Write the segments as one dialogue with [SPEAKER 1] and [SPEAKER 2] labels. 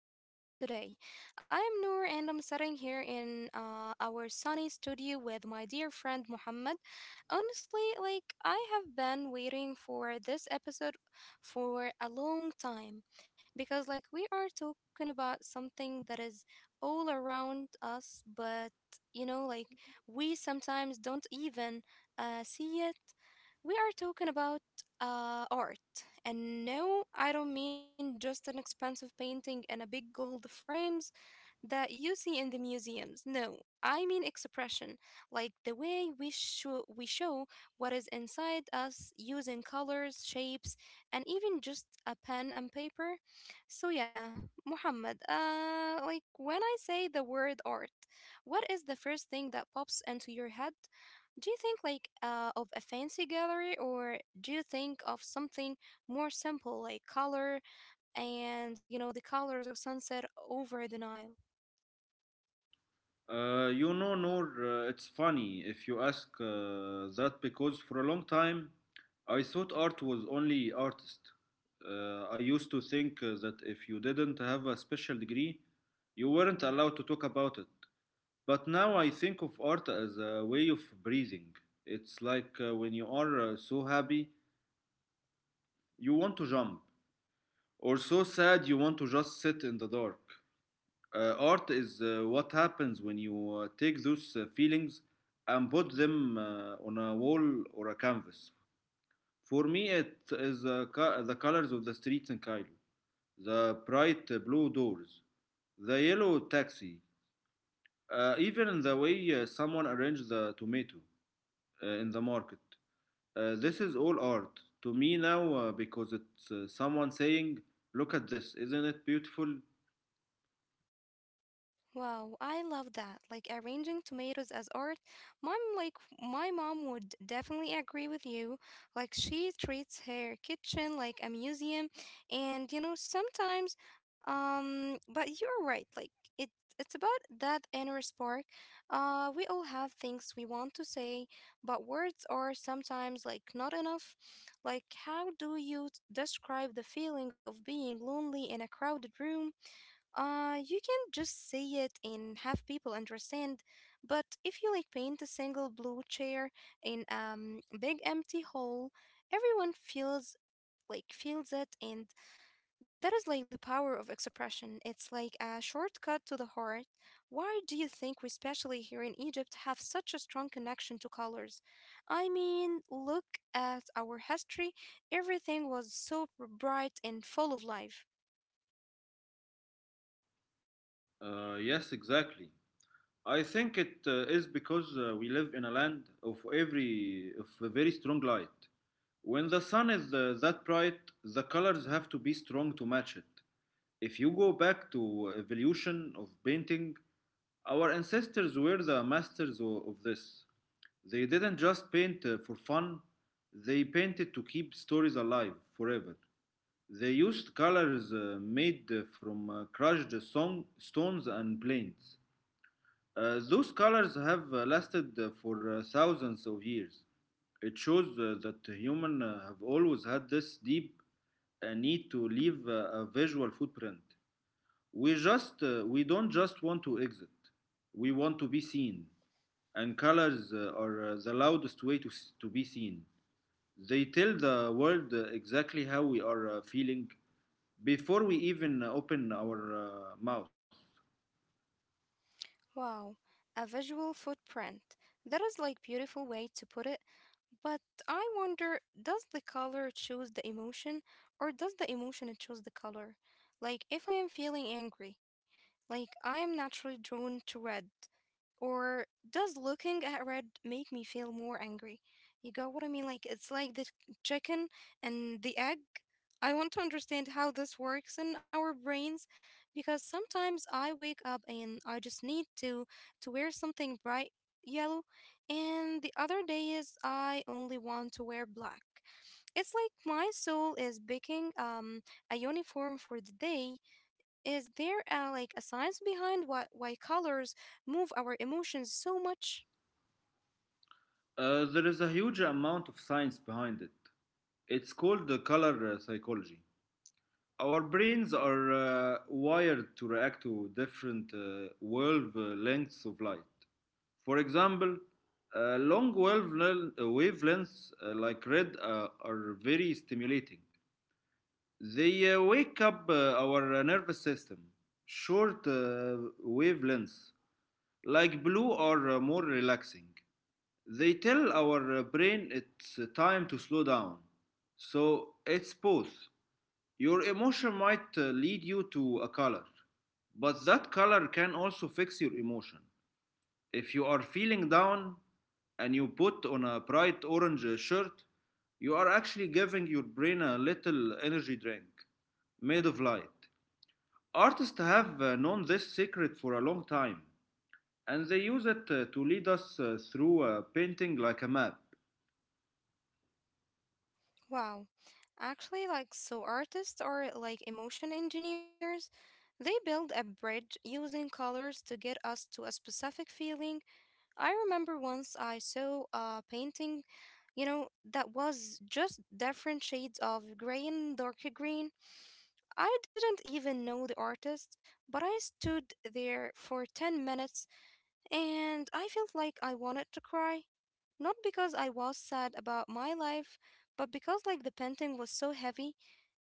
[SPEAKER 1] to our show today. I am Noor and I'm sitting here in our sunny studio with my dear friend Muhammad. Honestly, like, I have been waiting for this episode for a long time because, like, we are talking about something that is all around us, but like, we sometimes don't even see it. We are talking about art. And no, I don't mean just an expensive painting and a big gold frames that you see in the museums. No, I mean expression, like the way we show what is inside us using colors, shapes, and even just a pen and paper. So yeah, Muhammad, like when I say the word art, what is the first thing that pops into your head? Do you think like of a fancy gallery or do you think of something more simple like color, and you know the colors of sunset over the Nile?
[SPEAKER 2] Noor, it's funny if you ask that because for a long time I thought art was only artist. I used to think that if you didn't have a special degree, you weren't allowed to talk about it. But now I think of art as a way of breathing. It's like when you are so happy, you want to jump, or so sad, you want to just sit in the dark. Art is what happens when you take those feelings and put them on a wall or a canvas. For me, it is the colors of the streets in Cairo, the bright blue doors, the yellow taxi, even the way someone arranged the tomato in the market. This is all art to me now because it's someone saying, "Look at this, isn't it beautiful?"
[SPEAKER 1] Wow, I love that. Like arranging tomatoes as art. Mom like my mom would definitely agree with you. Like she treats her kitchen like a museum, and you know sometimes, but you're right. Like it it's about that inner spark. We all have things we want to say, but words are sometimes like not enough. Like how do you describe the feeling of being lonely in a crowded room? You can just say it and have people understand. But if you like paint a single blue chair in big empty hall, everyone feels it, and that is like the power of expression. It's like a shortcut to the heart. Why do you think we, especially here in Egypt, have such a strong connection to colors? I mean, look at our history. Everything was so bright and full of life.
[SPEAKER 2] Yes, exactly. I think it is because we live in a land of every of a very strong light. When the sun is that bright, the colors have to be strong to match it. If you go back to evolution of painting, our ancestors were the masters of this. They didn't just paint for fun, they painted to keep stories alive forever. They used colors made from crushed stones and planes. Those colors have lasted for thousands of years. It shows that humans have always had this deep need to leave a visual footprint. We don't just want to exit. We want to be seen, and colors are the loudest way to be seen. They tell the world exactly how we are feeling before we even open our mouth.
[SPEAKER 1] Wow, a visual footprint. That is like beautiful way to put it, but I wonder, does the color choose the emotion, or does the emotion choose the color? Like if I am feeling angry, like I am naturally drawn to red. Or does looking at red make me feel more angry? You got what I mean? Like, it's like the chicken and the egg. I want to understand how this works in our brains, because sometimes I wake up and I just need to wear something bright yellow, and the other days I only want to wear black. It's like my soul is picking a uniform for the day. Is there a science behind what why colors move our emotions so much?
[SPEAKER 2] There is a huge amount of science behind it. It's called the color psychology. Our brains are wired to react to different wave lengths of light. For example, long wavelengths like red are very stimulating. They wake up our nervous system. Short wavelengths like blue are more relaxing. They tell our brain it's time to slow down. So it's both. Your emotion might lead you to a color, but that color can also fix your emotion. If you are feeling down and you put on a bright orange shirt, you are actually giving your brain a little energy drink made of light. Artists have known this secret for a long time, and they use it to lead us through a painting like a map.
[SPEAKER 1] Wow. Actually, like, so artists are like emotion engineers. They build a bridge using colors to get us to a specific feeling. I remember once I saw a painting, that was just different shades of gray and darker green. I didn't even know the artist, but I stood there for 10 minutes and I felt like I wanted to cry. Not because I was sad about my life, but because like the painting was so heavy.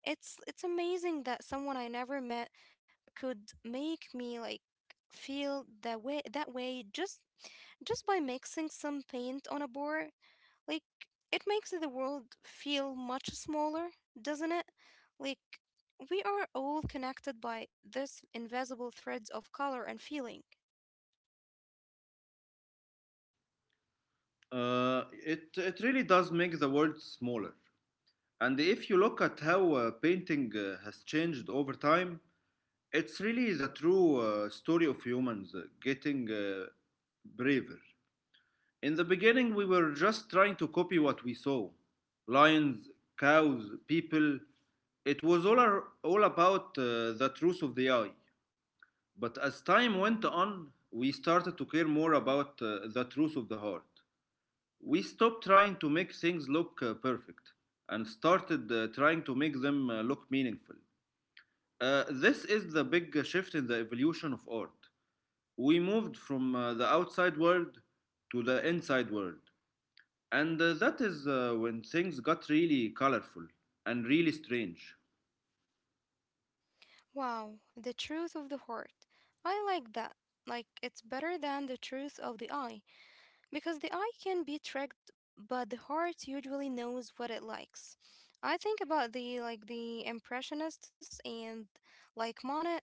[SPEAKER 1] It's amazing that someone I never met could make me like feel that way, just by mixing some paint on a board. Like it makes the world feel much smaller, doesn't it? Like we are all connected by this invisible threads of color and feeling.
[SPEAKER 2] It really does make the world smaller. And if you look at how painting has changed over time, it's really the true story of humans getting braver. In the beginning, we were just trying to copy what we saw: lions, cows, people. It was all about the truth of the eye. But as time went on, we started to care more about the truth of the heart. We stopped trying to make things look perfect and started trying to make them look meaningful. This is the big shift in the evolution of art. We moved from the outside world to the inside world, and that is when things got really colorful and really strange.
[SPEAKER 1] Wow, the truth of the heart. I like that. Like, it's better than the truth of the eye. Because the eye can be tricked, but the heart usually knows what it likes. I think about the impressionists and like Monet.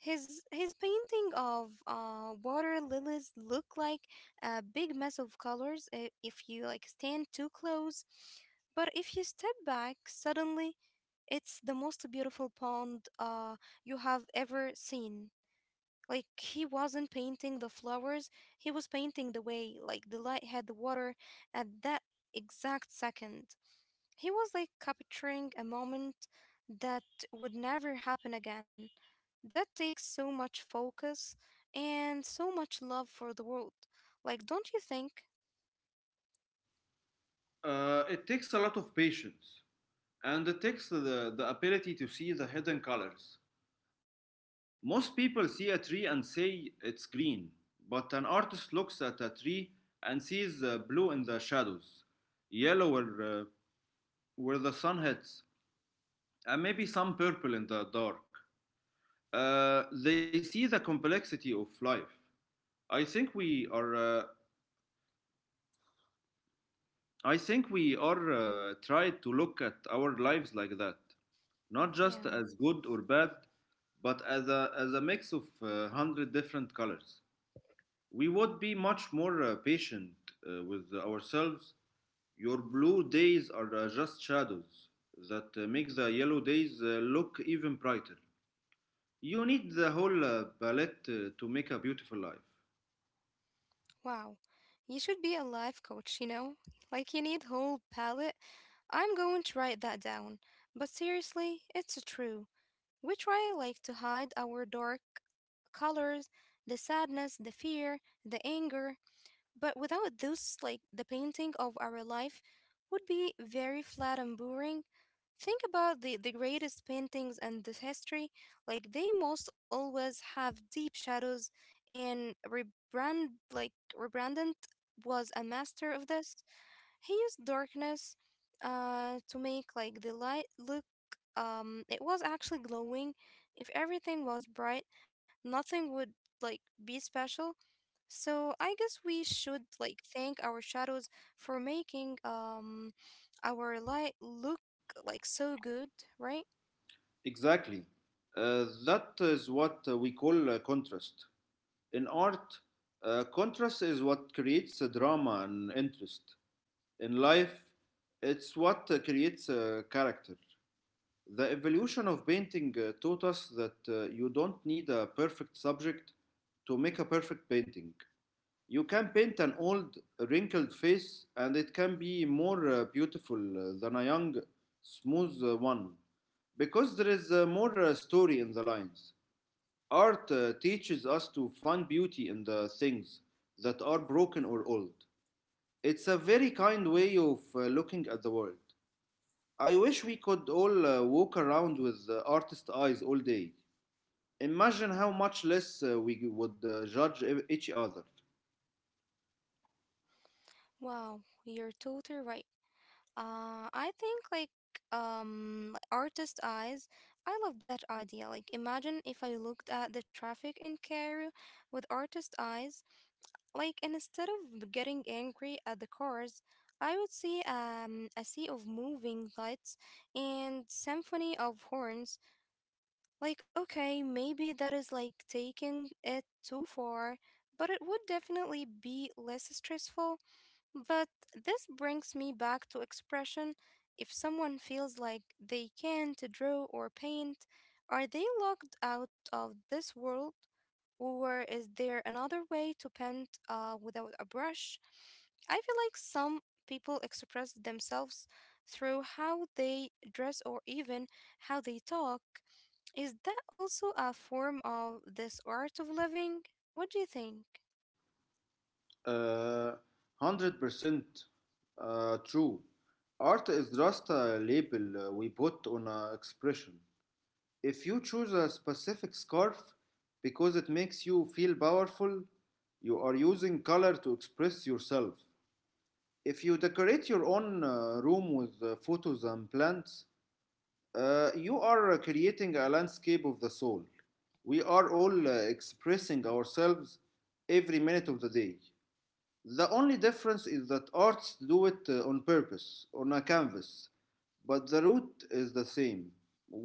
[SPEAKER 1] His painting of water lilies look like a big mess of colors if you like stand too close, but if you step back, suddenly it's the most beautiful pond you have ever seen. Like he wasn't painting the flowers, he was painting the way, like the light had the water at that exact second. He was like capturing a moment that would never happen again. That takes so much focus and so much love for the world. Like, don't you think?
[SPEAKER 2] It takes a lot of patience, and it takes the ability to see the hidden colors. Most people see a tree and say it's green, but an artist looks at a tree and sees blue in the shadows, yellow where the sun hits, and maybe some purple in the dark. They see the complexity of life. I think we are, uh, I think we are tried to look at our lives like that, not just
[SPEAKER 1] Yeah.
[SPEAKER 2] as good or bad, but as a mix of hundred different colors. We would be much more patient with ourselves. Your blue days are just shadows that make the yellow days look even brighter. You need the whole palette to make a beautiful life.
[SPEAKER 1] Wow. You should be a life coach, you know? Like you need whole palette. I'm going to write that down. But seriously, it's true. We try like to hide our dark colors, the sadness, the fear, the anger, but without this, like, the painting of our life would be very flat and boring. Think about the greatest paintings in this history, like they most always have deep shadows, and rebrandant was a master of this. He used darkness to make like the light look, it was actually glowing. If everything was bright, nothing would like be special. So I guess we should like thank our shadows for making our light look like so good, right?
[SPEAKER 2] Exactly. That is what we call contrast. In art, contrast is what creates a drama and interest. In life, it's what creates a character. The evolution of painting taught us that you don't need a perfect subject to make a perfect painting. You can paint an old, wrinkled face, and it can be more beautiful than a young, smooth one, because there is more story in the lines. Art teaches us to find beauty in the things that are broken or old. It's a very kind way of looking at the world. I wish we could all walk around with artist eyes all day. Imagine how much less we would judge each other.
[SPEAKER 1] Wow, you're totally right. I think like artist eyes. I love that idea. Like imagine if I looked at the traffic in Cairo with artist eyes. Like, and instead of getting angry at the cars, I would see a sea of moving lights and symphony of horns. Like okay, maybe that is like taking it too far, but it would definitely be less stressful. But this brings me back to expression. If someone feels like they can't draw or paint, are they locked out of this world? Or is there another way to paint without a brush? I feel like some people express themselves through how they dress or even how they talk. Is that also a form of this art of living? What do you think?
[SPEAKER 2] Uh, 100% true. Art is just a label we put on an expression. If you choose a specific scarf because it makes you feel powerful, you are using color to express yourself. If you decorate your own room with photos and plants, you are creating a landscape of the soul. We are all expressing ourselves every minute of the day. The only difference is that artists do it on purpose, on a canvas, but the root is the same.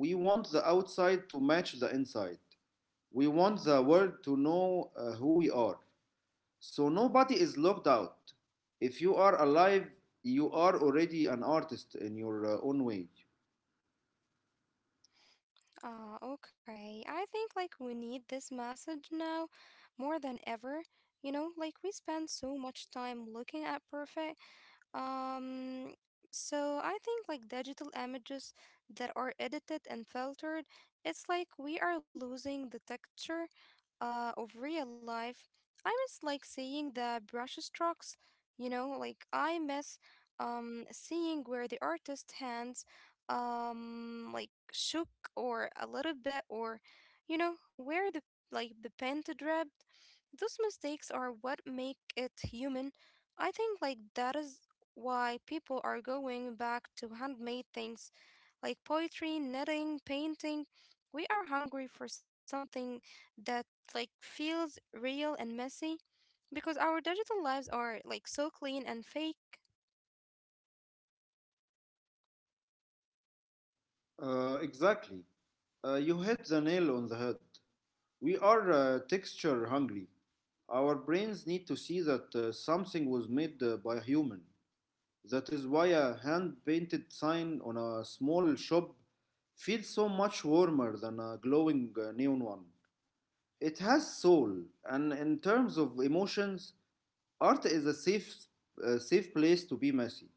[SPEAKER 2] We want the outside to match the inside. We want the world to know who we are. So nobody is locked out. If you are alive, you are already an artist in your own way.
[SPEAKER 1] Ah, okay. I think like we need this message now more than ever. Like we spend so much time looking at perfect, um, so I think like digital images that are edited and filtered, it's like we are losing the texture of real life. I miss like seeing the brush strokes, like I miss seeing where the artist hands like shook or a little bit, or you know where the pen dripped. Those mistakes are what make it human. I think like that is why people are going back to handmade things like poetry, knitting, painting. We are hungry for something that like feels real and messy, because our digital lives are like so clean and fake.
[SPEAKER 2] Exactly. You hit the nail on the head. We are texture hungry. Our brains need to see that something was made by a human. That is why a hand painted sign on a small shop feels so much warmer than a glowing neon one. It has soul, and in terms of emotions, art is a safe place to be messy.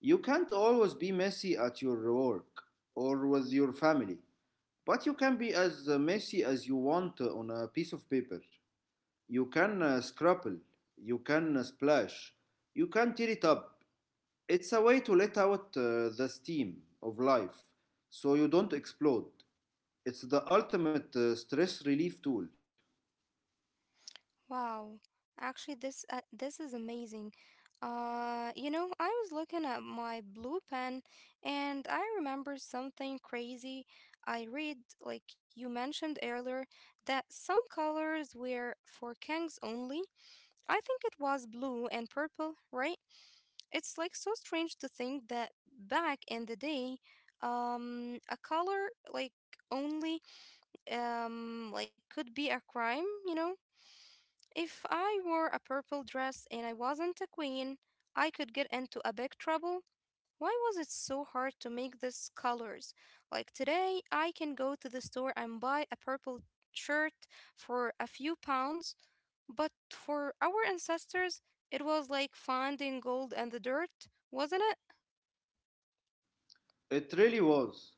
[SPEAKER 2] You can't always be messy at your work or with your family. But you can be as messy as you want on a piece of paper. You can scrapple, you can splash, you can tear it up. It's a way to let out the steam of life so you don't explode. It's the ultimate stress relief tool.
[SPEAKER 1] Wow, actually, this is amazing. I was looking at my blue pen, and I remember something crazy. I read, like you mentioned earlier, that some colors were for kings only. I think it was blue and purple, right? It's like so strange to think that back in the day, a color like only like could be a crime, if I wore a purple dress and I wasn't a queen, I could get into a big trouble. Why was it so hard to make these colors? Like today, I can go to the store and buy a purple shirt for a few pounds, but for our ancestors, it was like finding gold in the dirt, wasn't it?
[SPEAKER 2] It really was.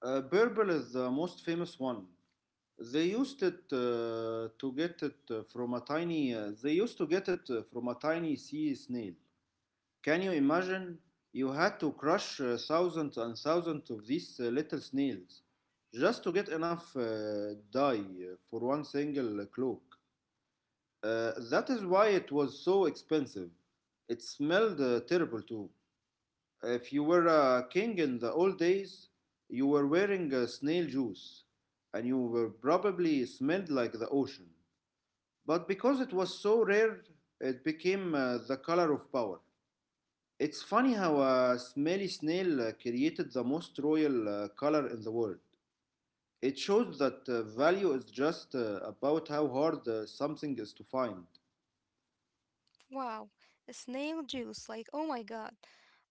[SPEAKER 2] Burble is the most famous one. They used it to get it from a tiny. They used to get it from a tiny sea snail. Can you imagine? You had to crush thousands and thousands of these little snails just to get enough dye for one single cloak. That is why it was so expensive. It smelled terrible too. If you were a king in the old days, you were wearing snail juice and you were probably smelled like the ocean. But because it was so rare, it became the color of power. It's funny how a smelly snail created the most royal color in the world. It shows that value is just about how hard something is to find.
[SPEAKER 1] Wow, snail juice. Like, oh my god.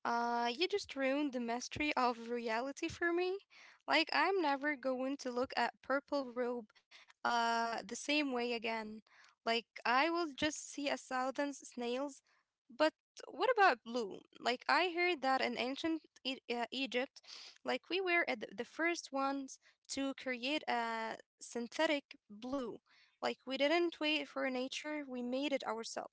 [SPEAKER 1] You just ruined the mystery of reality for me. Like, I'm never going to look at Purple Robe the same way again. Like, I will just see a thousand snails, but what about blue? Like I heard that in ancient Egypt, like we were at the first ones to create a synthetic blue. Like we didn't wait for nature, we made it ourselves.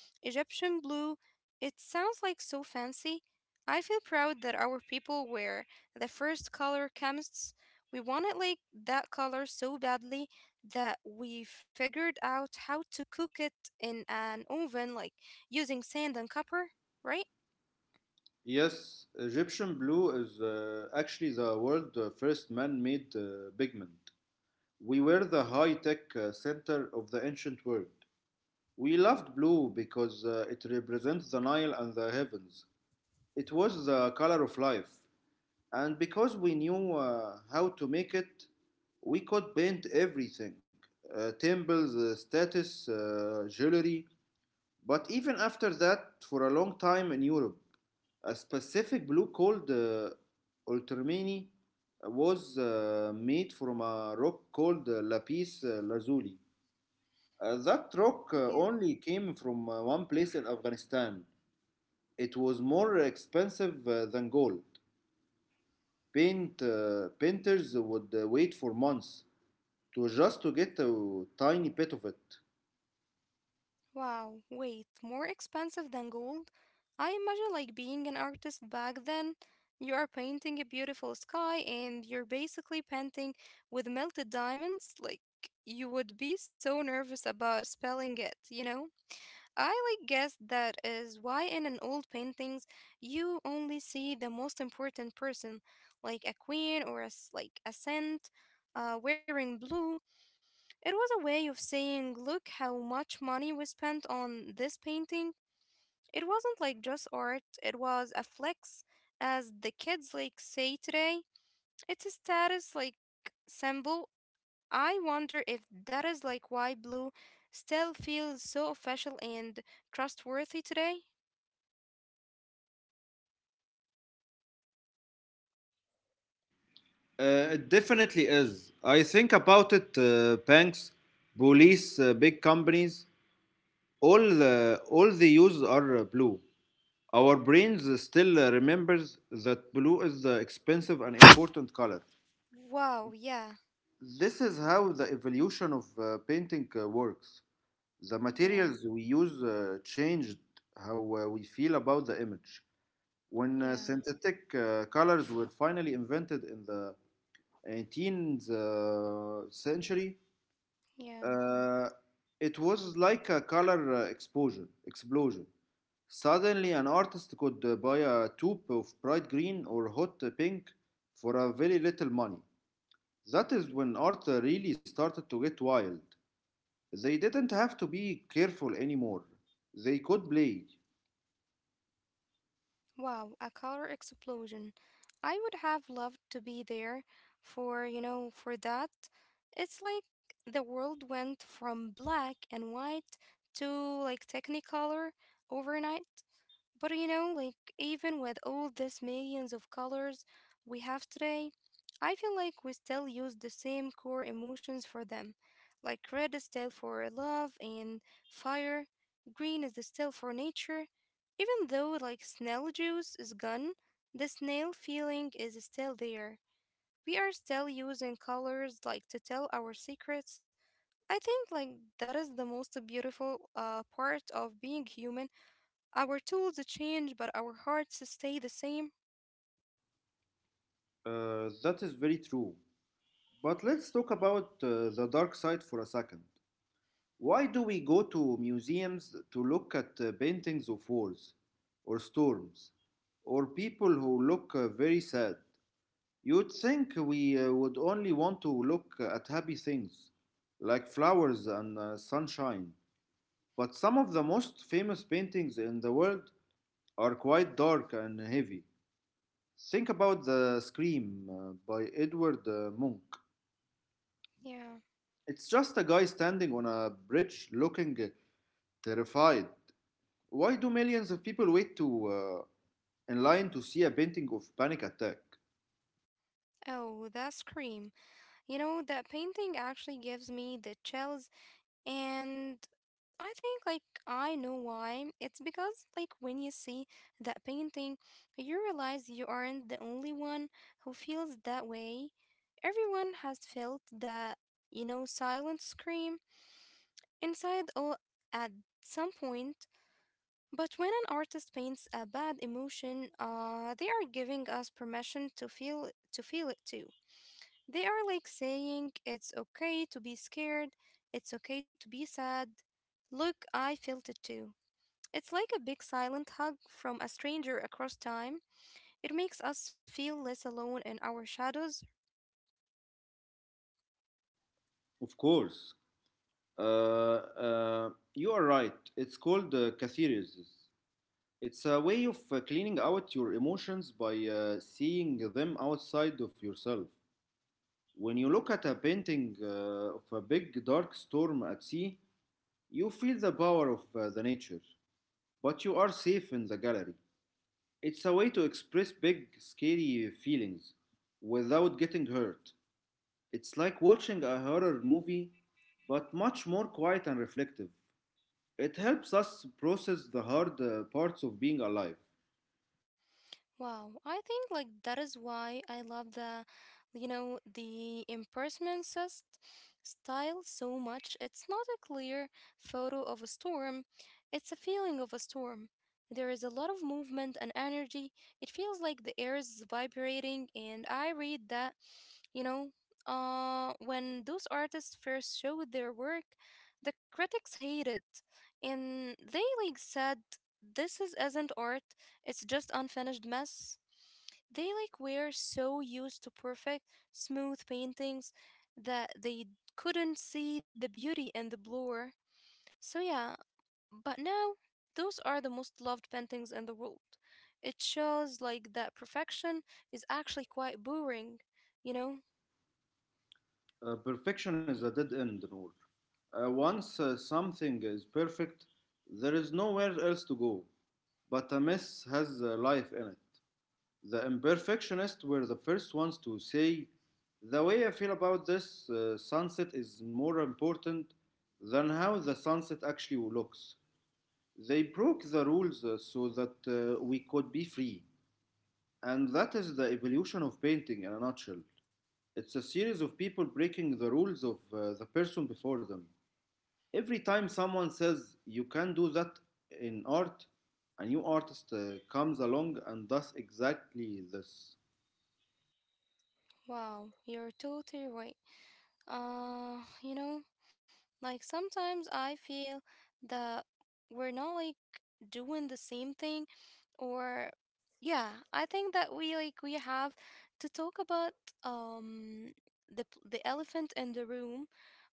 [SPEAKER 1] Egyptian blue, it sounds like so fancy. I feel proud that our people were the first color chemists. We wanted like that color so badly that we figured out how to cook it in an oven, like using sand and copper, right?
[SPEAKER 2] Yes, Egyptian blue is actually the world's first man made pigment. We were the high tech center of the ancient world. We loved blue because it represents the Nile and the heavens. It was the color of life. And because we knew how to make it, we could paint everything: temples, status, jewelry. But even after that, for a long time in Europe, a specific blue called ultramarine was made from a rock called lapis lazuli. That rock
[SPEAKER 1] Yeah.
[SPEAKER 2] only came from one place in Afghanistan. It was more expensive than gold. Painters would wait for months to just to get a tiny bit of it.
[SPEAKER 1] Wow, wait, more expensive than gold? I imagine like being an artist back then, you are painting a beautiful sky and you're basically painting with melted diamonds. Like you would be so nervous about spelling it, you know? I like guess that is why in an old paintings you only see the most important person, like a queen or a s like a saint, wearing blue. It was a way of saying, look how much money we spent on this painting. It wasn't like just art, it was a flex, as the kids like say today. It's a status like symbol. I wonder if that is like why blue still feels so official and trustworthy today.
[SPEAKER 2] It definitely is. I think about it. Banks, police, big companies, all all the hues are blue. Our brains still remembers that blue is the expensive and important color.
[SPEAKER 1] Wow, yeah,
[SPEAKER 2] This is how the evolution of painting works. The
[SPEAKER 1] yeah,
[SPEAKER 2] materials we use changed how we feel about the image. When
[SPEAKER 1] yeah,
[SPEAKER 2] synthetic colors were finally invented in the 18th century,
[SPEAKER 1] yeah.
[SPEAKER 2] uh, it was like a color explosion. Explosion. Suddenly, an artist could buy a tube of bright green or hot pink for a very little money. That is when art really started to get wild. They didn't have to be careful anymore. They could play.
[SPEAKER 1] Wow, a color explosion. I would have loved to be there for that. It's like the world went from black and white to like technicolor overnight. But like even with all these millions of colors we have today, I feel like we still use the same core emotions for them. Like red is still for love and fire, green is still for nature, even though like snail juice is gone, the snail feeling is still there. We are still using colors like to tell our secrets. I think like that is the most beautiful part of being human. Our tools change, but our hearts stay the same.
[SPEAKER 2] That is very true. But let's talk about the dark side for a second. Why do we go to museums to look at paintings of wars, or storms, or people who look very sad? You'd think we would only want to look at happy things, like flowers and sunshine. But some of the most famous paintings in the world are quite dark and heavy. Think about The Scream by Edward Munch.
[SPEAKER 1] Yeah.
[SPEAKER 2] It's just a guy standing on a bridge looking terrified. Why do millions of people wait to in line to see a painting of panic attack?
[SPEAKER 1] Oh, that scream. You know, that painting actually gives me the chills, and I think like I know why. It's because like when you see that painting, you realize you aren't the only one who feels that way. Everyone has felt that, you know, silent scream inside all at some point. But when an artist paints a bad emotion, they are giving us permission to feel it too. They are like saying, it's okay to be scared, it's okay to be sad. Look, I felt it too. It's like a big silent hug from a stranger across time. It makes us feel less alone in our shadows.
[SPEAKER 2] Of course. Uh, uh, you are right. It's called catharsis. It's a way of cleaning out your emotions by seeing them outside of yourself. When you look at a painting of a big dark storm at sea, you feel the power of the nature, but you are safe in the gallery. It's a way to express big, scary feelings without getting hurt. It's like watching a horror movie, but much more quiet and reflective. It helps us process the hard parts of being alive.
[SPEAKER 1] Wow, I think like that is why I love the, you know, the impersonal style so much. It's not a clear photo of a storm, it's a feeling of a storm. There is a lot of movement and energy. It feels like the air is vibrating, and I read that, you know, when those artists first showed their work, the critics hated, and they like said this is isn't art, it's just unfinished mess. They like were so used to perfect, smooth paintings that they couldn't see the beauty in the blur. So yeah, but now those are the most loved paintings in the world. It shows like that perfection is actually quite boring, you know?
[SPEAKER 2] Perfection is a dead end, road. Once something is perfect, there is nowhere else to go, but a mess has life in it. The imperfectionists were the first ones to say, the way I feel about this sunset is more important than how the sunset actually looks. They broke the rules so that we could be free. And that is the evolution of painting in a nutshell. It's a series of people breaking the rules of the person before them. Every time someone says you can do that in art, a new artist comes along and does exactly this.
[SPEAKER 1] Wow, you're totally right. Uh, you know, like sometimes I feel that we're not like doing the same thing or yeah, I think that we like we have to talk about um the elephant in the room,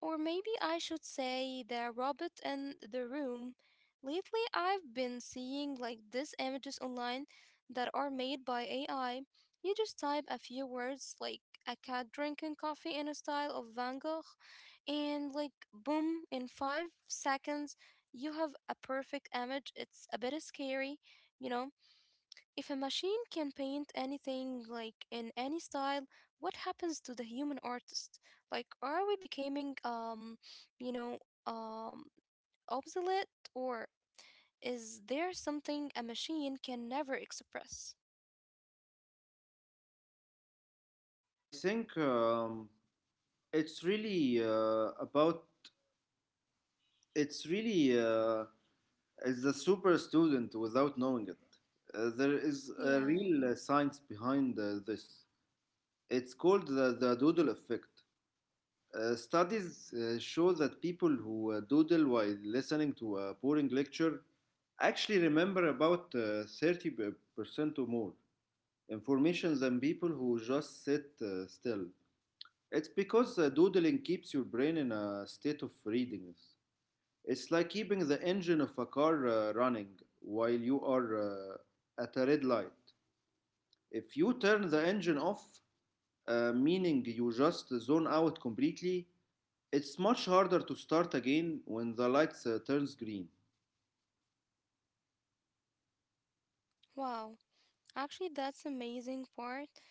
[SPEAKER 1] or maybe I should say the robot in the room. Lately I've been seeing like these images online that are made by AI. You just type a few words like a cat drinking coffee in a style of Van Gogh, and like boom, in 5 seconds you have a perfect image. It's a bit scary, you know? If a machine can paint anything, like in any style, what happens to the human artist? Like, are we becoming, you know, obsolete, or is there something a machine can never express?
[SPEAKER 2] I think it's really it's really uh, is the super student without knowing it. There is a
[SPEAKER 1] Yeah.
[SPEAKER 2] real science behind this. It's called the doodle effect. Studies show that people who doodle while listening to a boring lecture actually remember about 30% or more information than people who just sit still. It's because doodling keeps your brain in a state of readiness. It's like keeping the engine of a car running while you are at a red light. If you turn the engine off, meaning you just zone out completely, it's much harder to start again when the lights turns green.
[SPEAKER 1] Wow. Actually, that's amazing part.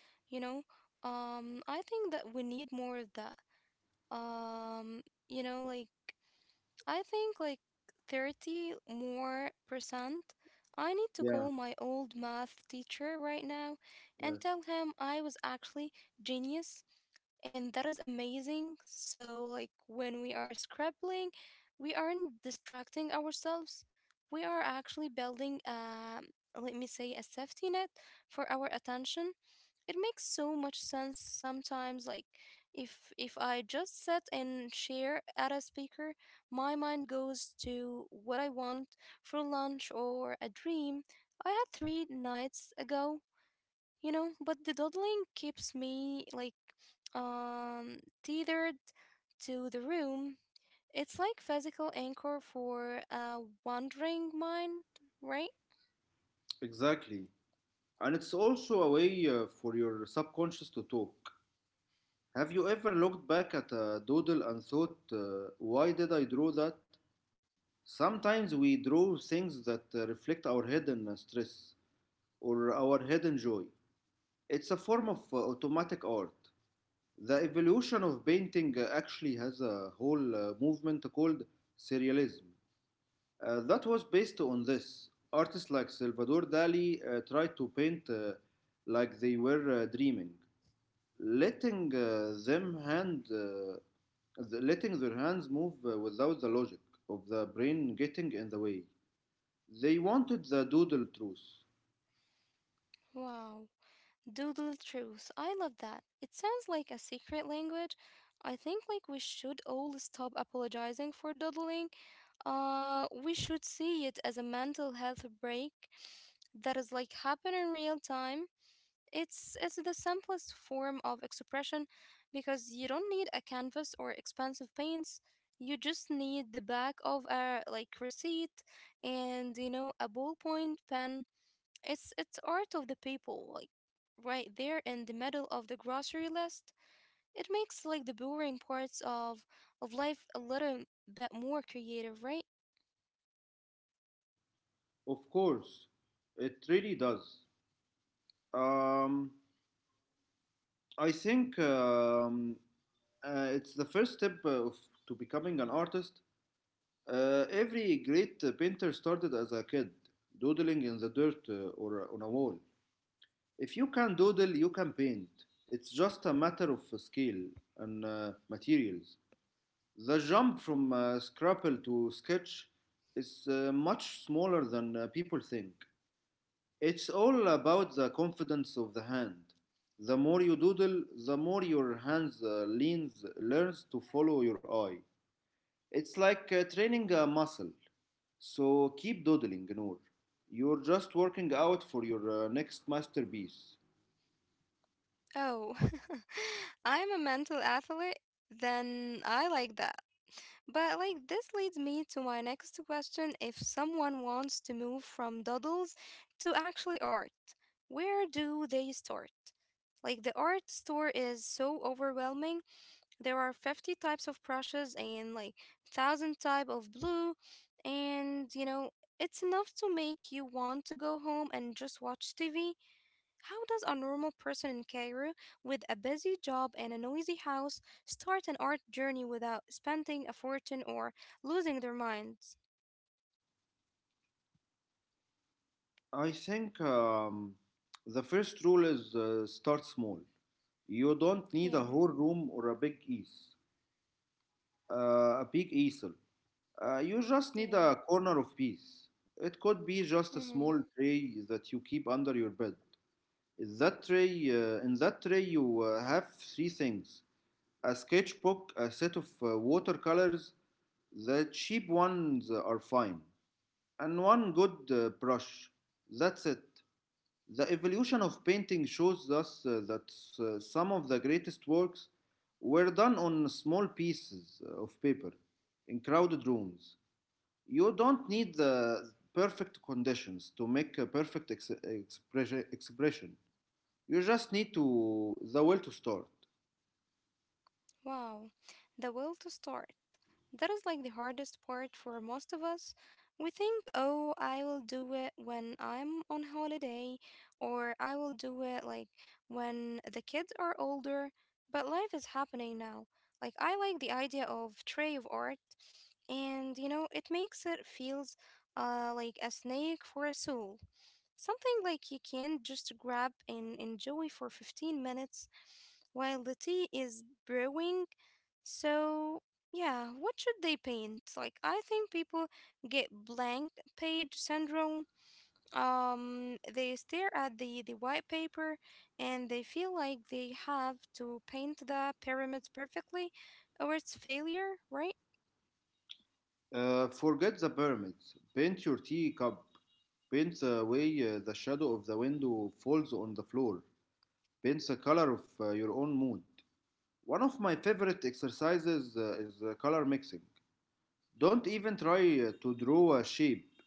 [SPEAKER 1] You know, I think that we need more of that. Um, you know, like I think like 30 more percent. I need to call
[SPEAKER 2] Yeah,
[SPEAKER 1] my old math teacher right now and
[SPEAKER 2] yes.
[SPEAKER 1] tell him I was actually genius, and that is amazing. So like when we are scribbling, we aren't distracting ourselves. We are actually building a, let me say, a safety net for our attention. It makes so much sense. Sometimes like if I just sit and share at a speaker, my mind goes to what I want for lunch or a dream I had three nights ago, you know, but the dawdling keeps me like tethered to the room. It's like physical anchor for a wandering mind, right?
[SPEAKER 2] Exactly. And it's also a way for your subconscious to talk. Have you ever looked back at a doodle and thought, why did I draw that? Sometimes we draw things that reflect our hidden stress or our hidden joy. It's a form of automatic art. The evolution of painting actually has a whole movement called surrealism. That was based on this. Artists like Salvador Dali tried to paint like they were dreaming, letting uh, them hand, uh, letting their hands move without the logic of the brain getting in the way. They wanted the doodle truth.
[SPEAKER 1] Wow. Doodle truth. I love that. It sounds like a secret language. I think like we should all stop apologizing for doodling. We should see it as a mental health break that is like happen in real time. It's the simplest form of expression because you don't need a canvas or expensive paints. You just need the back of a like receipt, and you know, a ballpoint pen. It's art of the people, like right there in the middle of the grocery list. It makes like the boring parts of life a little bit more creative, right?
[SPEAKER 2] Of course, it really does. Um, I think it's the first step to becoming an artist. Every great painter started as a kid, doodling in the dirt or on a wall. If you can doodle, you can paint. It's just a matter of scale and materials. The jump from Scrabble to sketch is much smaller than people think. It's all about the confidence of the hand. The more you doodle, the more your learns to follow your eye. It's like training a muscle. So keep doodling, Noor. You're just working out for your next masterpiece.
[SPEAKER 1] Oh, I'm a mental athlete, then I like that. But like this leads me to my next question. If someone wants to move from doodles to actually art, where do they start? Like the art store is so overwhelming. There are 50 types of brushes and like 1000 type of blue, and you know, it's enough to make you want to go home and just watch TV. How does a normal person in Cairo with a busy job and a noisy house start an art journey without spending a fortune or losing their minds?
[SPEAKER 2] I think the first rule is start small. You don't need a
[SPEAKER 1] Yeah,
[SPEAKER 2] whole room or a big easel. You just need
[SPEAKER 1] yeah.
[SPEAKER 2] a corner of peace. It could be just a
[SPEAKER 1] Mhm.
[SPEAKER 2] small tray that you keep under your bed. In that tray, you have three things: a sketchbook, a set of watercolors. The cheap ones are fine, and one good brush. That's it. The evolution of painting shows us that some of the greatest works were done on small pieces of paper in crowded rooms. You don't need the perfect conditions to make a perfect expression. You just need to the will to start.
[SPEAKER 1] Wow, the will to start. That is like the hardest part for most of us. We think, oh, I will do it when I'm on holiday, or I will do it like when the kids are older. But life is happening now. Like, I like the idea of tray of art, and you know, it makes it feels like a snake for a soul. Something like you can just grab and enjoy for 15 minutes while the tea is brewing. So, yeah, what should they paint? Like, I think people get blank page syndrome. They stare at the white paper and they feel like they have to paint the pyramids perfectly or it's failure, right?
[SPEAKER 2] Forget the pyramids. Paint your tea cup. Paint the way the shadow of the window falls on the floor. Paint the color of your own mood. One of my favorite exercises is color mixing. Don't even try to draw a shape.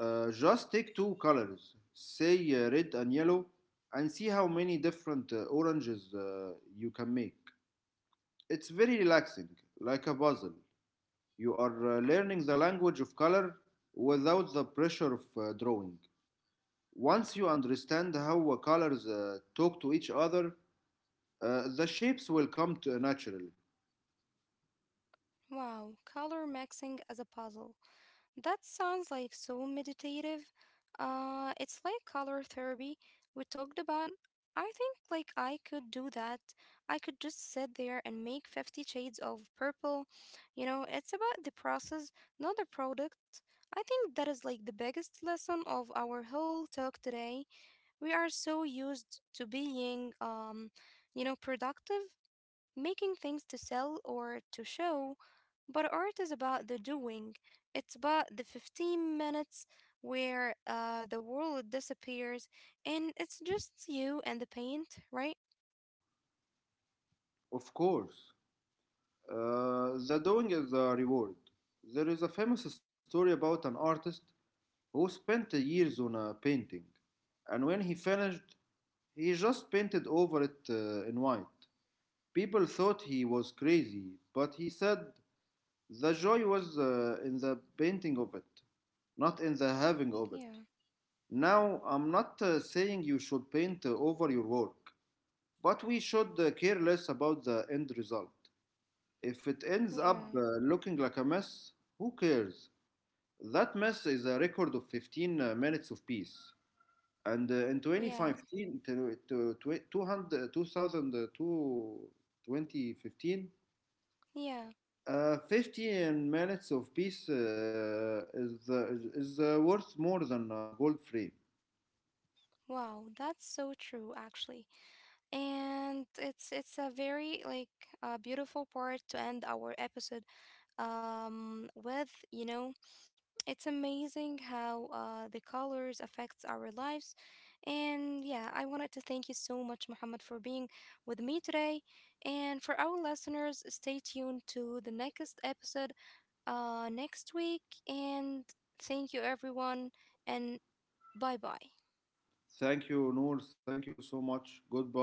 [SPEAKER 2] Just take two colors, say red and yellow, and see how many different oranges you can make. It's very relaxing, like a puzzle. You are learning the language of color without the pressure of drawing. Once you understand how colors talk to each other, the shapes will come to naturally.
[SPEAKER 1] Wow, color mixing as a puzzle. That sounds like so meditative. It's like color therapy we talked about. I think like I could do that. I could just sit there and make 50 shades of purple. You know, it's about the process, not the product. I think that is like the biggest lesson of our whole talk today. We are so used to being you know, productive, making things to sell or to show, but art is about the doing. It's about the 15 minutes where the world disappears and it's just you and the paint, right?
[SPEAKER 2] Of course, the doing is the reward. There is a famous story about an artist who spent years on a painting, and when he finished, he just painted over it in white. People thought he was crazy, but he said the joy was in the painting of it, not in the having of
[SPEAKER 1] Yeah,
[SPEAKER 2] it. Now, I'm not saying you should paint over your work, but we should care less about the end result. If it ends up
[SPEAKER 1] yeah,
[SPEAKER 2] looking like a mess, who cares? That mess is a record of 15 minutes of peace. And in
[SPEAKER 1] yeah,
[SPEAKER 2] 2015 to, twe- 200, 2002, 2015,
[SPEAKER 1] yeah.
[SPEAKER 2] 15 minutes of peace is, the, is worth more than a gold free.
[SPEAKER 1] Wow, that's so true, actually. And it's a very like beautiful part to end our episode with, you know. It's amazing how the colors affects our lives. And yeah, I wanted to thank you so much, Muhammad, for being with me today. And for our listeners, stay tuned to the next episode next week. And thank you, everyone. And bye bye.
[SPEAKER 2] Thank you, Noor. Thank you so much. Goodbye.